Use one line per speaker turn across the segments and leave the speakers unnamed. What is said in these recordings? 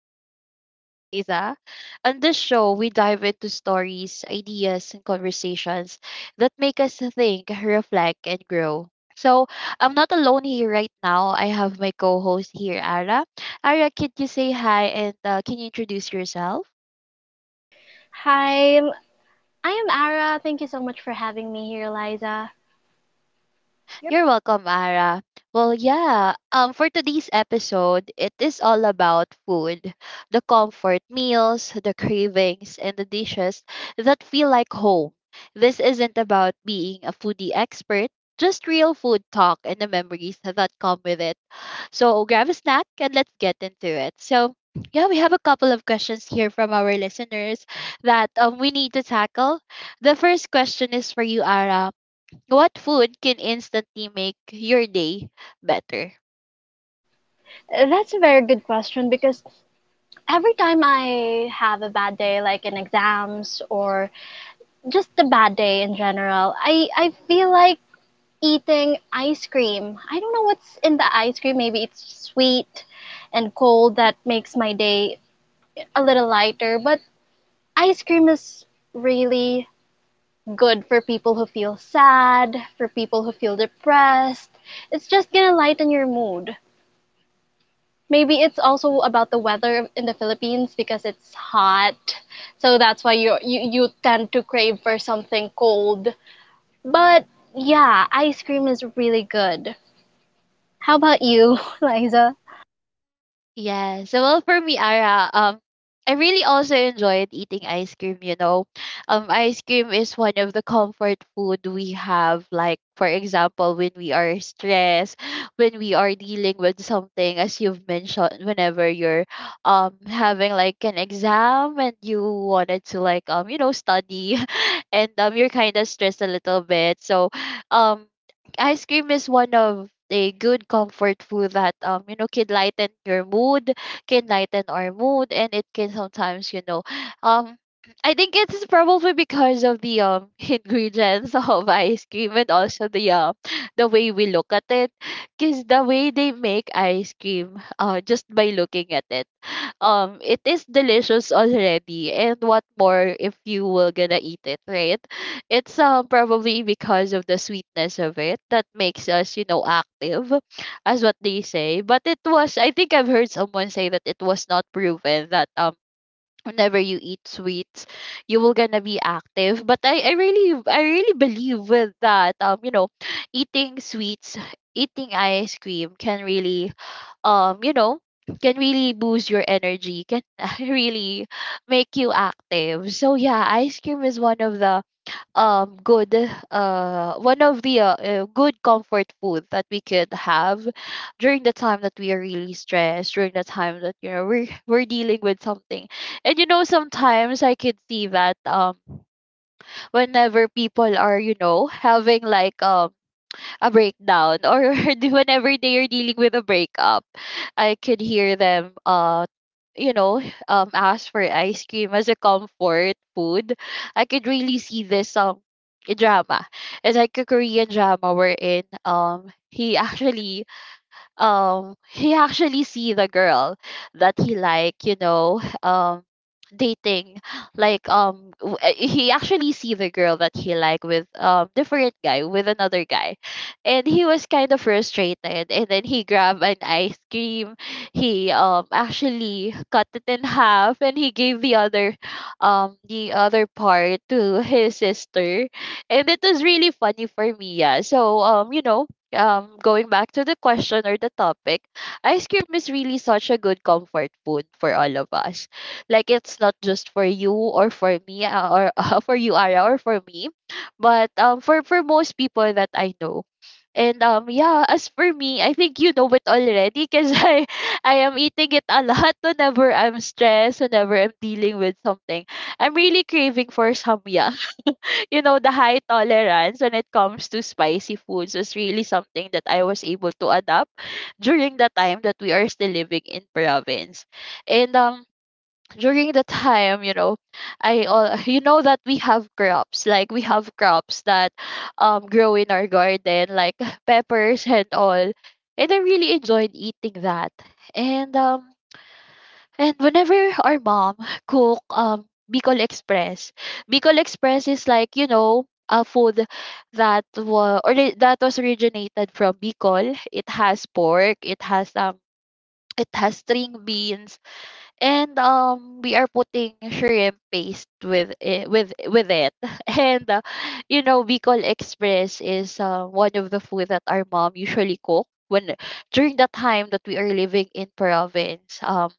I'm your host, Liza. On this show, we dive into stories, ideas, and conversations that make us think, reflect, and grow. So, I'm not alone here right now. I have my co host here, Ara. Ara, can you say hi and can you introduce yourself?
Hi, I'm- I am Ara. Thank you so much for having me here, Liza.
You're welcome, Ara. Well, yeah, for today's episode, it is all about food the comfort meals, the cravings, and the dishes that feel like home. This isn't about being a foodie expert, just real food talk and the memories that come with it. So grab a snack and let's get into it. So, yeah, we have a couple of questions here from our listeners that we need to tackle. The first question is for you, Ara what food can instantly make your day better?
That's a very good question because every time I have a bad day, like in exams or just a bad day in general, I feel like eating ice cream. I don't know what's in the ice cream. Maybe it's sweet and cold that makes my day a little lighter, but ice cream is really good for people who feel sad, for people who feel depressed. It's just gonna lighten your mood. Maybe it's also about the weather in the Philippines because it's hot. So that's why you tend to crave for something cold. But yeah, ice cream is really good. How about you, Liza?
Yeah. So well for me, Ara, I really also enjoyed eating ice cream, you know. Ice cream is one of the comfort food we have, like for example, when we are stressed, when we are dealing with something, as you've mentioned, whenever you're having like an exam and you wanted to like you know, study and you're kinda stressed a little bit. So um ice cream is one of the good comfort food that you know can lighten your mood, can lighten our mood, and it can sometimes you know um I think it's probably because of the ingredients of ice cream and also the way we look at it, because the way they make ice cream just by looking at it it is delicious already and what more if you were gonna eat it right it's probably because of the sweetness of it that makes us you know active as what they say but it was I think I've heard someone say that it was not proven that whenever you eat sweets you will gonna be active but I really I really believe with that you know eating sweets eating ice cream can really you know can really boost your energy can really make you active so yeah ice cream is one of the good one of the good comfort food that we could have during the time that we are really stressed during the time that you know we're we're dealing with something and you know sometimes I could see that whenever people are you know having like a breakdown or whenever they are dealing with a breakup I could hear them you know ask for ice cream as a comfort food I could really see this drama it's like a Korean drama wherein he actually he actually see the girl that he like you know dating like he actually see the girl that he like with different guy with another guy and he was kind of frustrated and then he grabbed an ice cream he actually cut it in half and he gave the other part to his sister and it was really funny for me yeah so you know going back to the question or the topic, ice cream is really such a good comfort food for all of us. Like it's not just for you or for me or for you Ara or for me, but for most people that I know. And yeah, as for me, I think you know it already because I am eating it a lot whenever I'm stressed, whenever I'm dealing with something. I'm really craving for samyang you know, the high tolerance when it comes to spicy foods is really something that I was able to adapt during the time that we are still living in province. And during the time, you know, I all you know that we have crops, like we have crops that grow in our garden, like peppers and all. And I really enjoyed eating that. And um and whenever our mom cook Bicol Express, Bicol Express is like you know a food that was originated from Bicol. It has pork. It has string beans and we are putting shrimp paste with it, with it and you know Bicol Express is one of the food that our mom usually cook when during the time that we are living in province um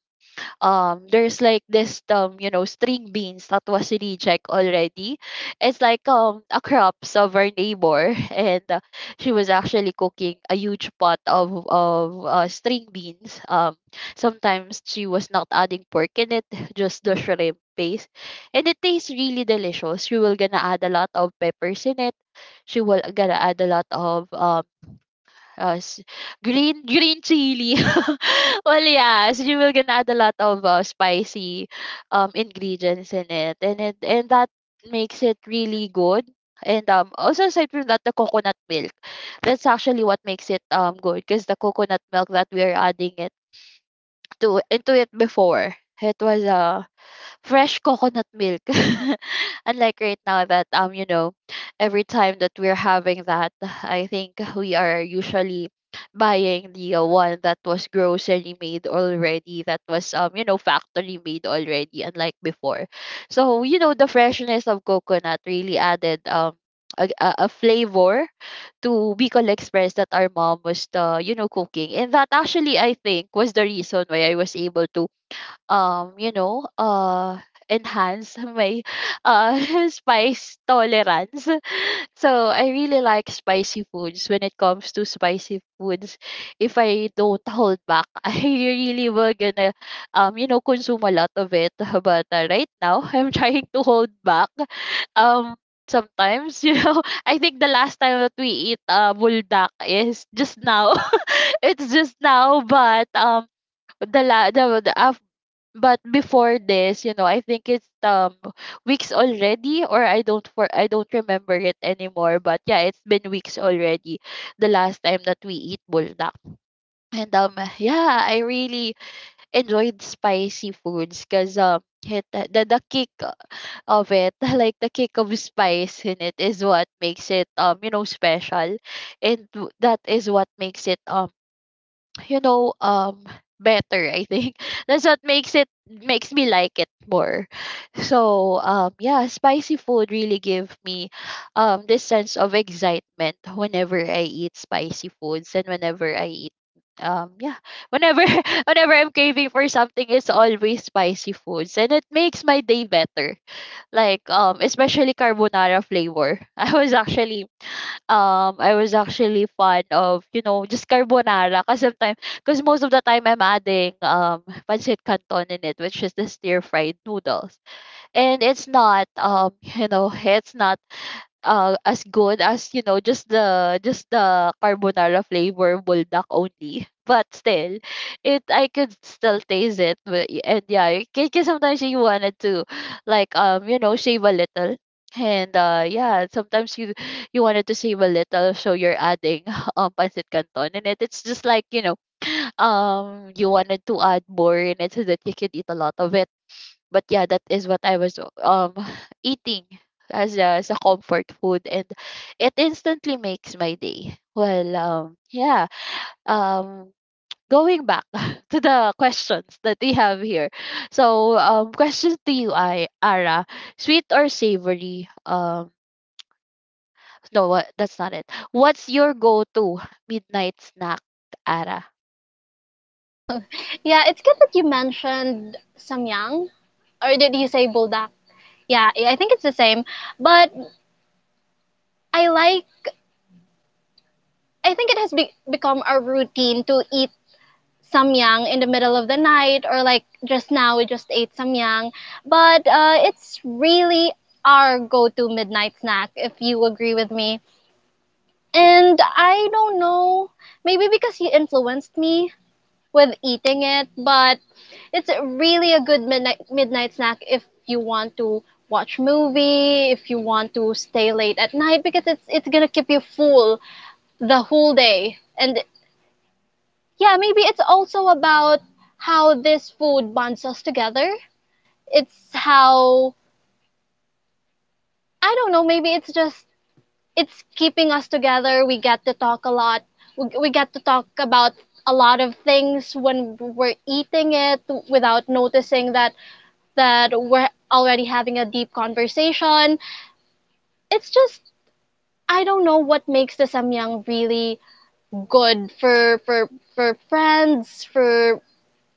um there's like this you know string beans that was reject already it's like a crops of our neighbor and she was actually cooking a huge pot of string beans sometimes she was not adding pork in it just the shrimp paste and it tastes really delicious she will gonna add a lot of peppers in it she will gonna add a lot of uh, s- green green chili. well, yes, you will gonna add a lot of spicy ingredients in it, and that makes it really good. And also aside from that, the coconut milk. That's actually what makes it good because the coconut milk that we are adding it to into it before it was fresh coconut milk. Unlike right now that you know, every time that we're having that, I think we are usually buying the one that was grocery made already, that was you know factory made already, unlike before. So you know the freshness of coconut really added A flavor to Bicol Express that our mom was you know cooking and that actually I think was the reason why I was able to you know enhance my uh spice tolerance so I really like spicy foods when it comes to spicy foods if I don't hold back I really will gonna you know consume a lot of it but right now I'm trying to hold back um sometimes you know I think the last time that we eat buldak is just now it's just now but the la the af but before this, you know, I think it's weeks already or I don't remember it anymore. But yeah, it's been weeks already the last time that we eat buldak. And yeah, I really enjoyed spicy foods because the kick of it, like the kick of spice in it is what makes it you know special and that is what makes it you know better I think that's what makes it makes me like it more so yeah spicy food really give me this sense of excitement whenever I eat spicy foods and whenever I eat yeah whenever whenever I'm craving for something it's always spicy foods and it makes my day better like especially carbonara flavor I was actually I was actually fond of you know just carbonara because sometimes because most of the time I'm adding pancit canton in it which is the stir fried noodles and it's not you know it's not as good as you know just the carbonara flavor buldak only but still it I could still taste it but, and yeah because sometimes you wanted to like you know shave a little and yeah sometimes you you wanted to shave a little so you're adding pancit canton in it it's just like you know you wanted to add more in it so that you could eat a lot of it but yeah, that is what I was eating as a comfort food, and it instantly makes my day. Well, yeah, um, going back to the questions that we have here. So, question to you, I Ara, sweet or savory? No, what, that's not it. What's your go-to midnight snack, Ara?
Yeah, it's good that you mentioned samyang, or did you say buldak? Yeah, I think it's the same. But I like, I think it has become a routine to eat samyang in the middle of the night, or like just now we just ate samyang, but it's really our go-to midnight snack, if you agree with me. And I don't know, maybe because you influenced me with eating it, but it's really a good midnight snack if you want to watch movie, if you want to stay late at night, because it's gonna keep you full the whole day. And yeah, maybe it's also about how this food bonds us together. It's how, I don't know, maybe it's just it's keeping us together. We get to talk a lot. We get to talk about a lot of things when we're eating it, without noticing that we're already having a deep conversation. It's just, I don't know what makes the samyang really good for for friends, for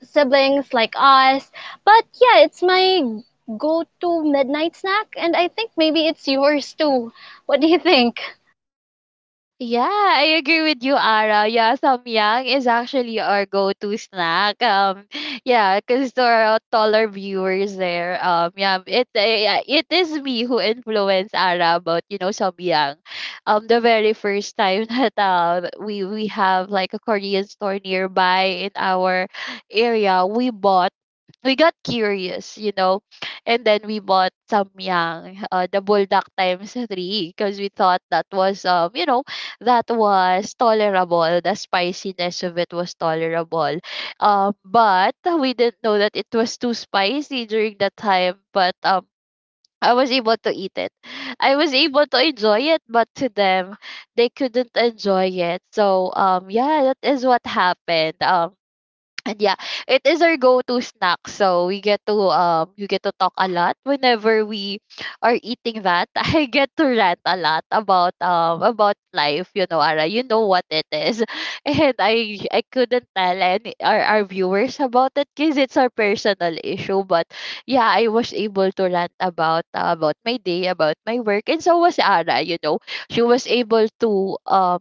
siblings like us. But yeah, it's my go to midnight snack, and I think maybe it's yours too. What do you think?
Yeah, I agree with you, Ara. Yeah, samyang is actually our go-to snack. Yeah, because to our taller viewers there, yeah, yeah, it is me who influenced Ara about you know samyang. The very first time that we have like a Korean store nearby in our area, we got curious, you know, and then we bought Samyang, the bulldog times three, because we thought that was, you know, that was tolerable. The spiciness of it was tolerable, but we didn't know that it was too spicy during that time. But I was able to eat it. I was able to enjoy it, but to them, they couldn't enjoy it. So that is what happened. And yeah, it is our go-to snack. So we get to you get to talk a lot whenever we are eating that. I get to rant a lot about life, you know, Ara. You know what it is. And I couldn't tell any our viewers about it because it's our personal issue. But yeah, I was able to rant about my day, about my work, and so was Ara, you know. She was able to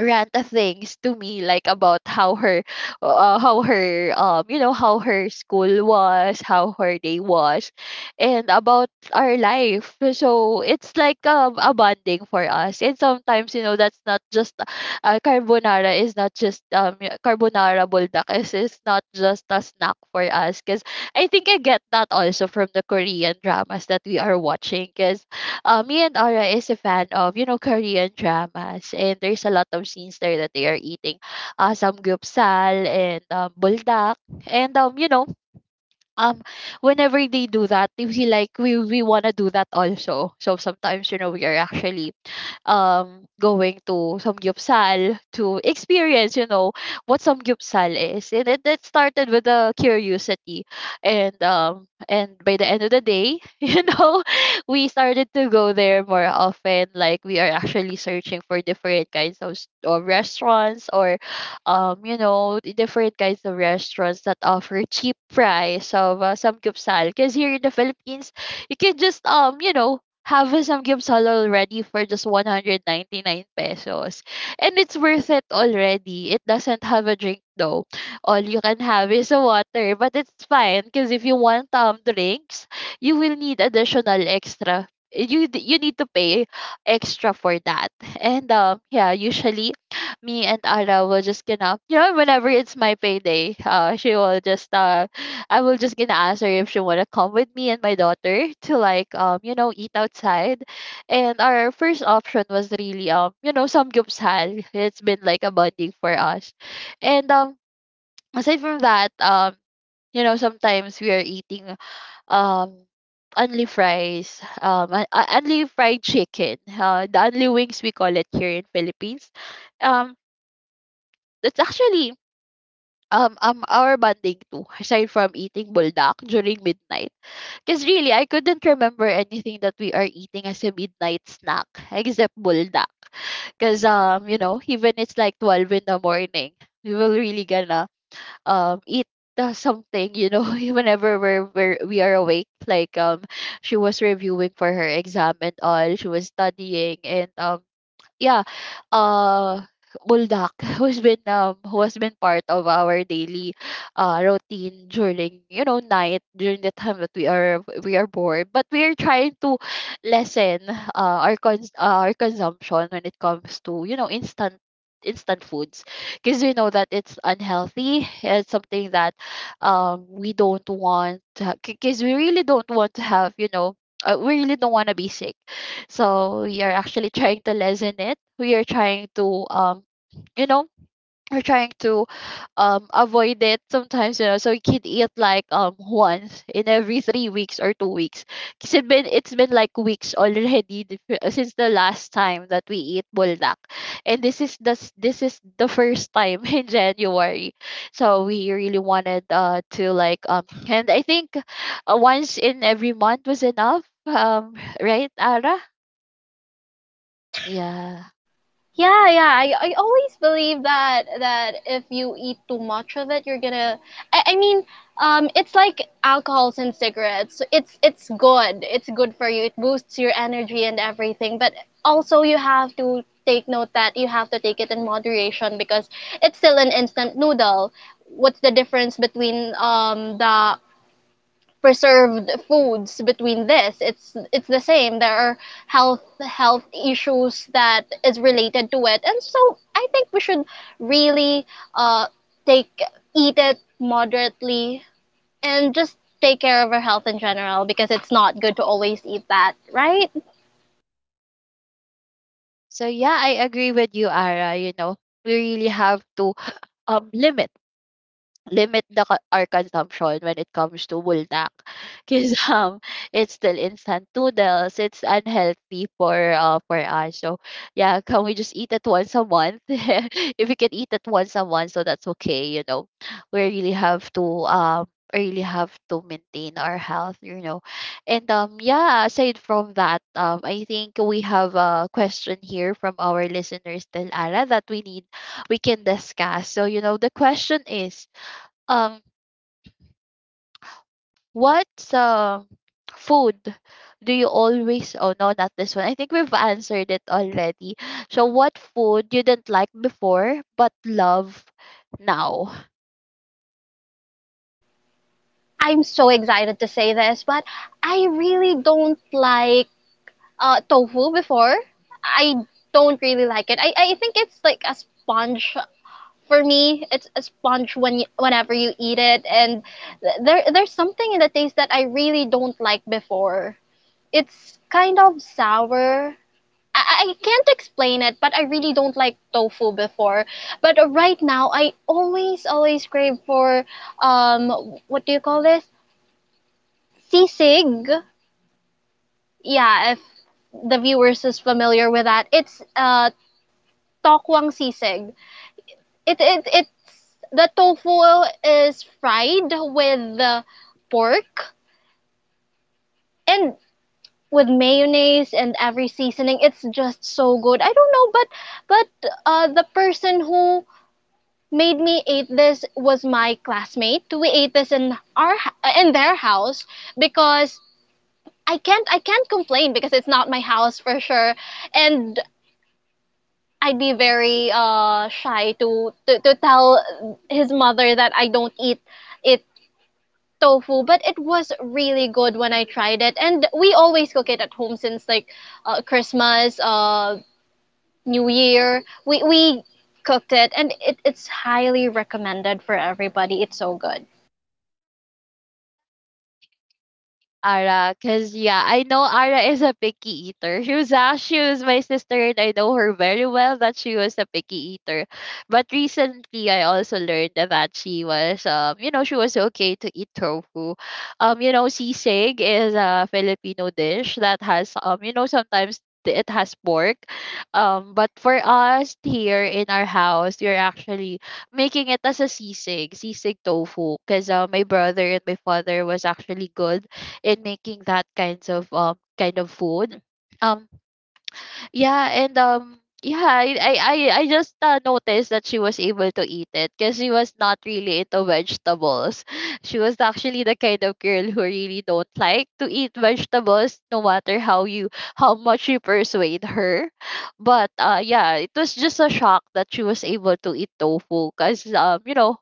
rant of things to me like about how her how her school was, how her day was, and about our life, so it's like a bonding for us. And sometimes, you know, that's not just carbonara. Buldak is not just a snack for us, because I think I get that also from the Korean dramas that we are watching. 'Cause Me and Ara is a fan of, you know, Korean dramas, and there's a lot of scenes there that they are eating samgyeopsal and buldak. And, um, whenever they do that, we like, we want to do that also. So sometimes, you know, we are actually going to Samgyupsal to experience, you know, what Samgyupsal is. And it started with a curiosity. And by the end of the day, you know, we started to go there more often. Like we are actually searching for different kinds of restaurants or you know, the different kinds of restaurants that offer cheap price of samgyeopsal. Because here in the Philippines, you can just you know, have a samgyeopsal already for just 199 pesos. And it's worth it already. It doesn't have a drink though. All you can have is a water, but it's fine, because if you want drinks, you will need additional extra. You need to pay extra for that. And Yeah, usually me and Ara will just gonna you know whenever it's my payday, she will just I will just gonna ask her if she wanna come with me and my daughter to like you know eat outside, and our first option was really you know samgyeopsal. It's been like a bonding for us, and aside from that, you know, sometimes we are eating um only fries, only fried chicken, the only wings we call it here in Philippines. um that's actually our bonding too, aside from eating buldak during midnight, because really, I couldn't remember anything that we are eating as a midnight snack except buldak. Because you know, even it's like 12 in the morning, we will really gonna eat something. You know, whenever we are awake. Like she was reviewing for her exam and all. She was studying, and yeah, uh, Buldak, who has been part of our daily routine during you know night, during the time that we are bored, but we are trying to lessen our consumption when it comes to you know instant instant foods, because we know that it's unhealthy. It's something that we don't want, because we really don't want to have you know we really don't want to be sick, so we are actually trying to lessen it. We are trying to you know we're trying to avoid it sometimes, you know, so you can eat like once in every 3 weeks or 2 weeks, because it's been like weeks already since the last time that we eat buldak, and this is the first time in January. So we really wanted to like and I think once in every month was enough, right Ara? Yeah.
Yeah, yeah. I always believe that if you eat too much of it, you're gonna. I mean, it's like alcohols and cigarettes. It's good. It's good for you. It boosts your energy and everything. But also, you have to take note that you have to take it in moderation, because it's still an instant noodle. What's the difference between the preserved foods between this? It's the same. There are health issues that is related to it. And so I think we should really uh take, eat it moderately and just take care of our health in general, because it's not good to always eat that, right?
So yeah, I agree with you, Ara. You know, we really have to um limit limit our consumption when it comes to buldak, because it's still instant noodles. It's unhealthy for us. So yeah, can we just eat it once a month? If we can eat it once a month, so that's okay, you know. We really have to maintain our health, you know. And Yeah, aside from that, I think we have a question here from our listeners, Tel Ara, that we need, we can discuss. So you know the question is, um, what uh, food do you always? Oh no, not this one. I think we've answered it already. So, what food you didn't like before but love now?
I'm so excited to say this, but I really don't like tofu before. I don't really like it. I think it's like a sponge. For me it's a sponge when whenever you eat it. And there there's something in the taste that I really don't like before. It's kind of sour. I can't explain it, but I really don't like tofu before. But right now I always crave for um what do you call this? Sisig. Yeah, if the viewers is familiar with that. It's tokwang sisig. It's the tofu is fried with the pork and with mayonnaise and every seasoning. It's just so good, I don't know. But the person who made me eat this was my classmate. We ate this in our, in their house, because I can't complain because it's not my house for sure. And I'd be very shy to to tell his mother that I don't eat it, tofu. But it was really good when I tried it. And we always cook it at home since like Christmas, New Year. We cooked it, and it's highly recommended for everybody. It's so good.
Ara, cause yeah, I know Ara is a picky eater. She was my sister, and I know her very well that she was a picky eater. But recently, I also learned that she was, you know, she was okay to eat tofu. You know, sisig is a Filipino dish that has, you know, sometimes it has pork. But for us here in our house, we're actually making it as a sisig, sisig tofu, cause my brother and my father was actually good in making that kinds of kind of food. Um yeah, and yeah, I just noticed that she was able to eat it because she was not really into vegetables. She was actually the kind of girl who really don't like to eat vegetables, no matter how much you persuade her. But yeah, it was just a shock that she was able to eat tofu, because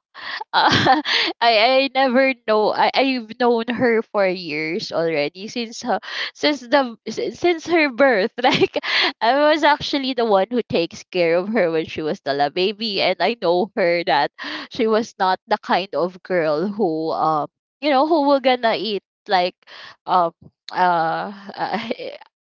uh, I never know. I've known her for years already since her since her birth. Like I was actually the one who takes care of her when she was still a baby, and I know her that she was not the kind of girl who who will gonna eat like um uh, uh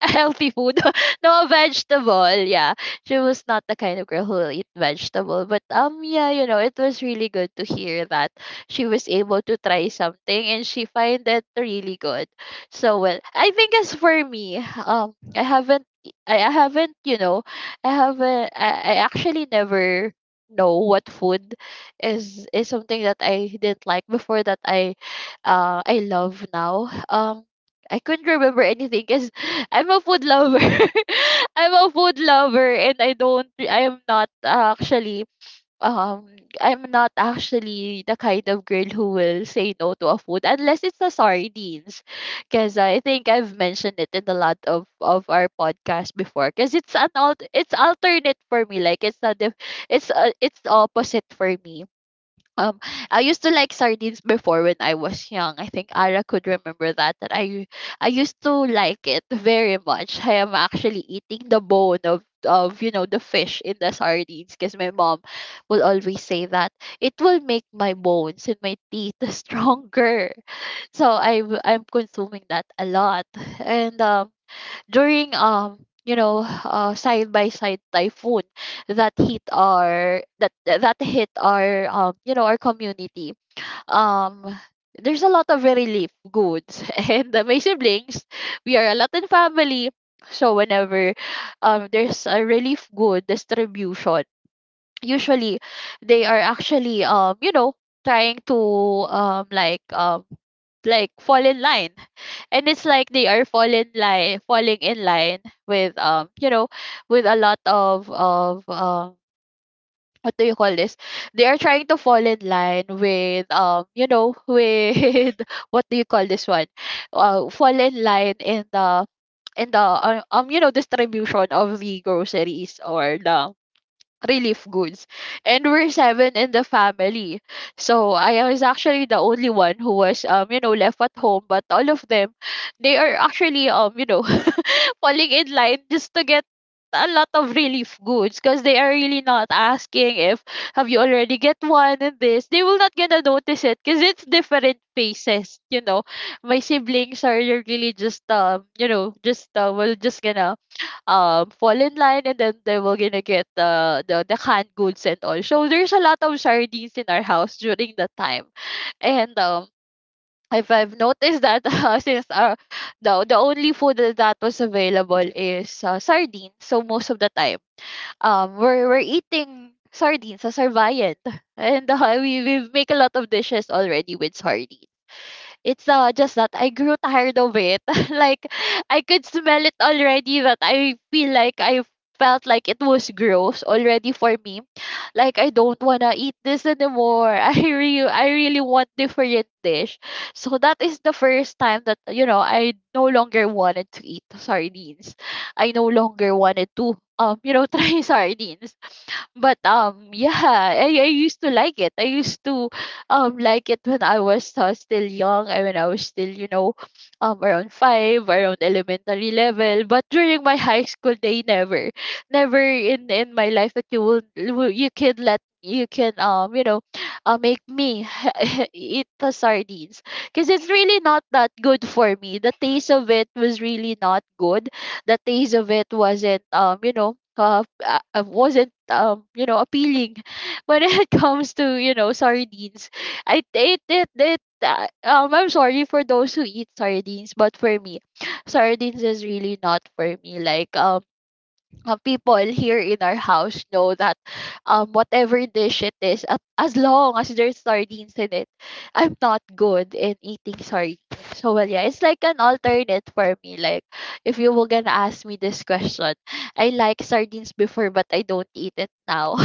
healthy food, no vegetable, yeah. She was not the kind of girl who will eat vegetable. But yeah, you know, it was really good to hear that she was able to try something and she find it really good. So well, I think as for me, um I haven't I haven't, you know, I haven't I actually never know what food is something that I didn't like before that I love now. I couldn't remember anything because I'm a food lover. I'm a food lover, and I am not actually um I'm not actually the kind of girl who will say no to a food, unless it's the sardines. Cause I think I've mentioned it in a lot of our podcast before. Cause it's an alt it's alternate for me. Like it's not the it's opposite for me. um, I used to like sardines before when I was young. I think Ara could remember that. I used to like it very much. I am actually eating the bone of you know the fish in the sardines, because my mom will always say that it will make my bones and my teeth stronger. I'm consuming that a lot, and during side by side typhoon that hit our that hit our our community. um there's a lot of relief goods, and my siblings, we are a Latin family. So whenever there's a relief good distribution, usually they are actually you know trying to um like um like fall in line. And it's like they are falling in line with you know with a lot of what do you call this? They are trying to fall in line with you know with what do you call this one? Fall in line in the you know distribution of the groceries or the relief goods. And we're seven in the family. So I was actually the only one who was you know, left at home. But all of them, they are actually falling in line just to get a lot of relief goods because they are really not asking if have you already get one and this they will not gonna notice it because it's different faces. You know, my siblings are really just just gonna fall in line, and then they were gonna get the canned goods and all. So there's a lot of sardines in our house during that time. And if I've noticed that, since the only food that was available is sardines, so most of the time we're eating sardines as our viand, and we make a lot of dishes already with sardines. It's just that I grew tired of it. Like, I could smell it already, that I feel like I felt like it was gross already for me. Like, I don't wanna eat this anymore. I really want different dish. So that is the first time that, you know, I no longer wanted to eat sardines. I no longer wanted to try sardines, but yeah, I used to like it. I used to like it when I was still young, and when I was still, you know, around 5, around elementary level. But during my high school day, never in my life that you you can let, you can make me eat the sardines, because it's really not that good for me. The taste of it was really not good. The taste of it wasn't wasn't appealing when it comes to, you know, sardines. I it it, it I'm sorry for those who eat sardines, but for me, sardines is really not for me. Like, people here in our house know that, whatever dish it is, as long as there's sardines in it, I'm not good in eating sardines. So, well, yeah, it's like an alternate for me. Like, if you were gonna ask me this question, I like sardines before, but I don't eat it now.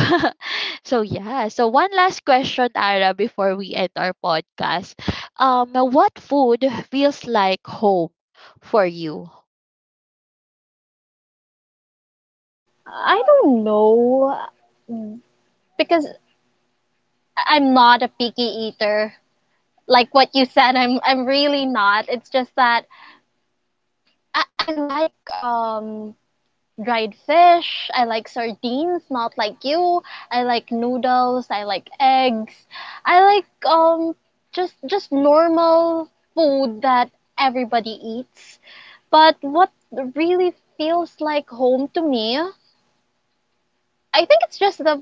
So, yeah. So, one last question, Ara, before we end our podcast. What food feels like home for you?
I don't know, because I'm not a picky eater. Like what you said, I'm really not. It's just that I like dried fish. I like sardines, not like you. I like noodles. I like eggs. I like just normal food that everybody eats. But what really feels like home to me, I think it's just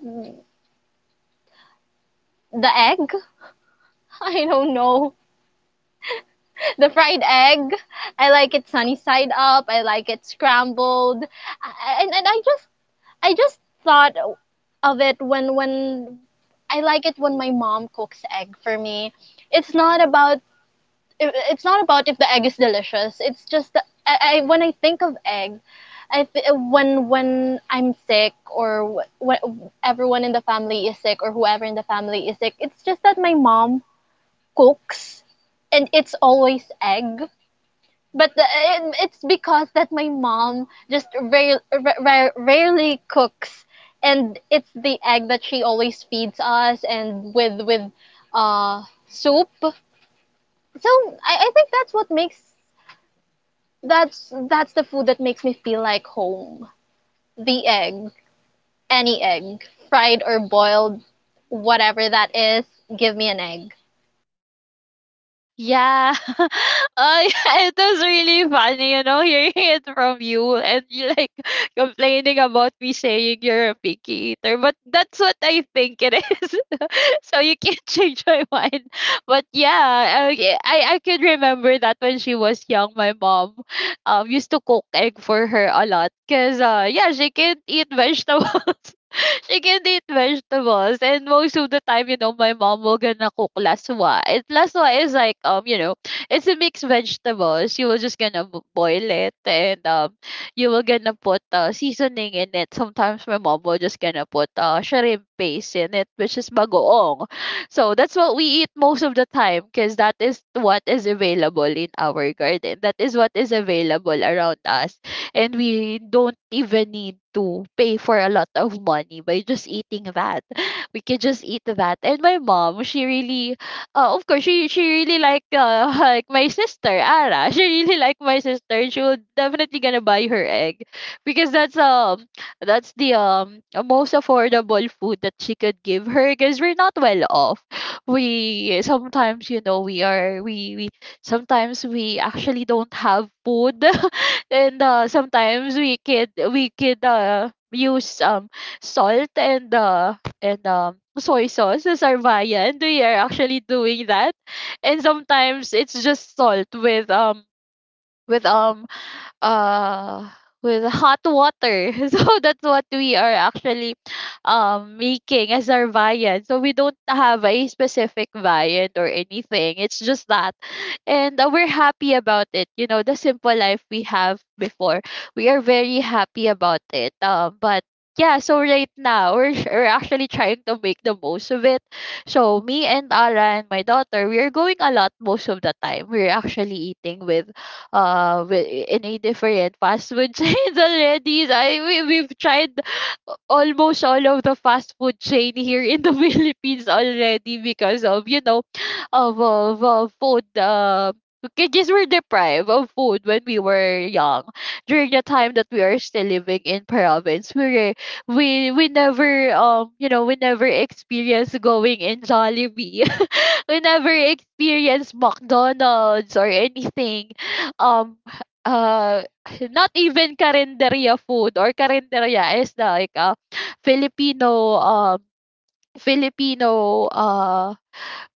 the egg. I don't know. The fried egg. I like it sunny side up. I like it scrambled. And I just, I just thought of it when I like it when my mom cooks egg for me. It's not about it's not about if the egg is delicious. It's just I when I think of egg, when I'm sick, or when everyone in the family is sick, or whoever in the family is sick, it's just that my mom cooks, and it's always egg. But it's because that my mom just rarely cooks, and it's the egg that she always feeds us, and with uh soup. So I think that's what makes, that's the food that makes me feel like home. The egg, any egg, fried or boiled, whatever that is, give me an egg.
Yeah. Yeah, it was really funny, you know, hearing it from you, and you like complaining about me saying you're a picky eater. But that's what I think it is. So you can't change my mind. But yeah, yeah, I could remember that when she was young, my mom used to cook egg for her a lot. Cause yeah, she can't eat vegetables. She can eat vegetables. And most of the time, you know, my mom will gonna cook laswa. Laswa is like, it's a mixed vegetable. She will just gonna boil it, and you will gonna put seasoning in it. Sometimes my mom will just gonna put shrimp paste in it, which is bagoong. So that's what we eat most of the time, because that is what is available in our garden. That is what is available around us, and we don't even need to pay for a lot of money by just eating that. We can just eat that. And my mom, she really, of course, she really like, like my sister Ara. She really like my sister. She will definitely gonna buy her egg, because that's the most affordable food that she could give her, because we're not well off. We sometimes, you know, we sometimes we actually don't have food. And sometimes we could use salt, and soy sauce as our viand. We are actually doing that, and sometimes it's just salt with with um uh with hot water. So that's what we are actually making as our viand. So we don't have a specific viand or anything. It's just that. And we're happy about it, you know, the simple life we have before. We are very happy about it, but yeah. So right now, we're actually trying to make the most of it. So me and Ara and my daughter, we are going a lot. Most of the time we're actually eating in a different fast food chains already. So, we, we've tried almost all of the fast food chain here in the Philippines already, because of, you know, of food, because we're deprived of food when we were young. During the time that we are still living in province, we never, we never experienced going in Jollibee. We never experienced McDonald's or anything. Um, uh, Not even Carinderia food. Or Carinderia is like a Filipino, Filipino uh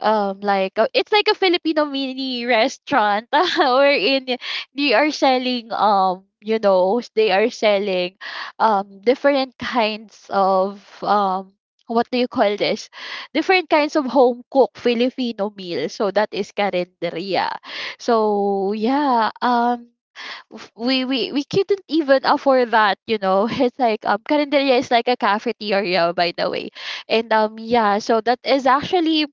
like, it's like a Filipino mini restaurant wherein they are selling, they are selling different kinds of, what do you call this, different kinds of home cooked Filipino meals. So that is carinderia. So yeah, we couldn't even afford that, you know. It's like, carinderia is like a cafeteria, by the way. And yeah, so that is actually,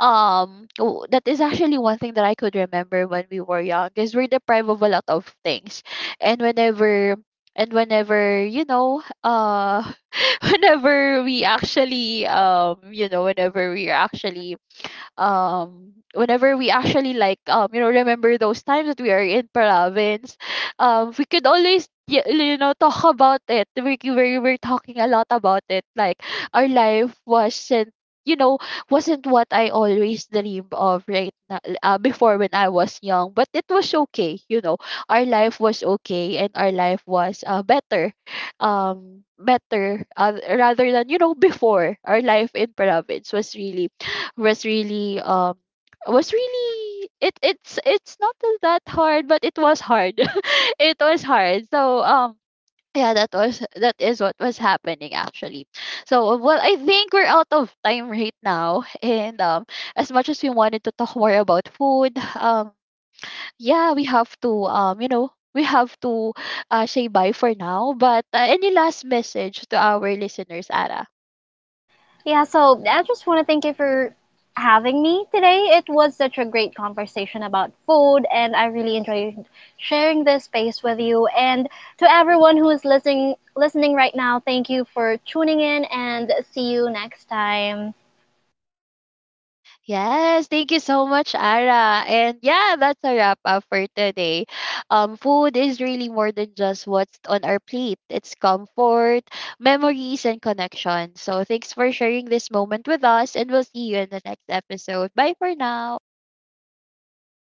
that is actually one thing that I could remember when we were young, because we're deprived of a lot of things. and whenever and whenever, you know, whenever we actually, whenever we are actually, whenever we actually like, remember those times that we are in province, we could always you know, talk about it. We were talking a lot about it. Like, our life wasn't, you know, wasn't what I always dreamed of right now, before, when I was young. But it was okay, you know. Our life was okay, and our life was, better, better, rather than, you know, before. Our life in province was really, was really, was really, it's not that hard, but it was hard. It was hard. So, yeah, that is what was happening actually. So, well, I think we're out of time right now. And as much as we wanted to talk more about food, yeah, we have to, we have to, say bye for now. But any last message to our listeners, Ara?
Yeah, so I just want to thank you for having me today. It was such a great conversation about food, and I really enjoyed sharing this space with you. And to everyone who is listening right now, thank you for tuning in, and see you next time.
Yes, thank you so much.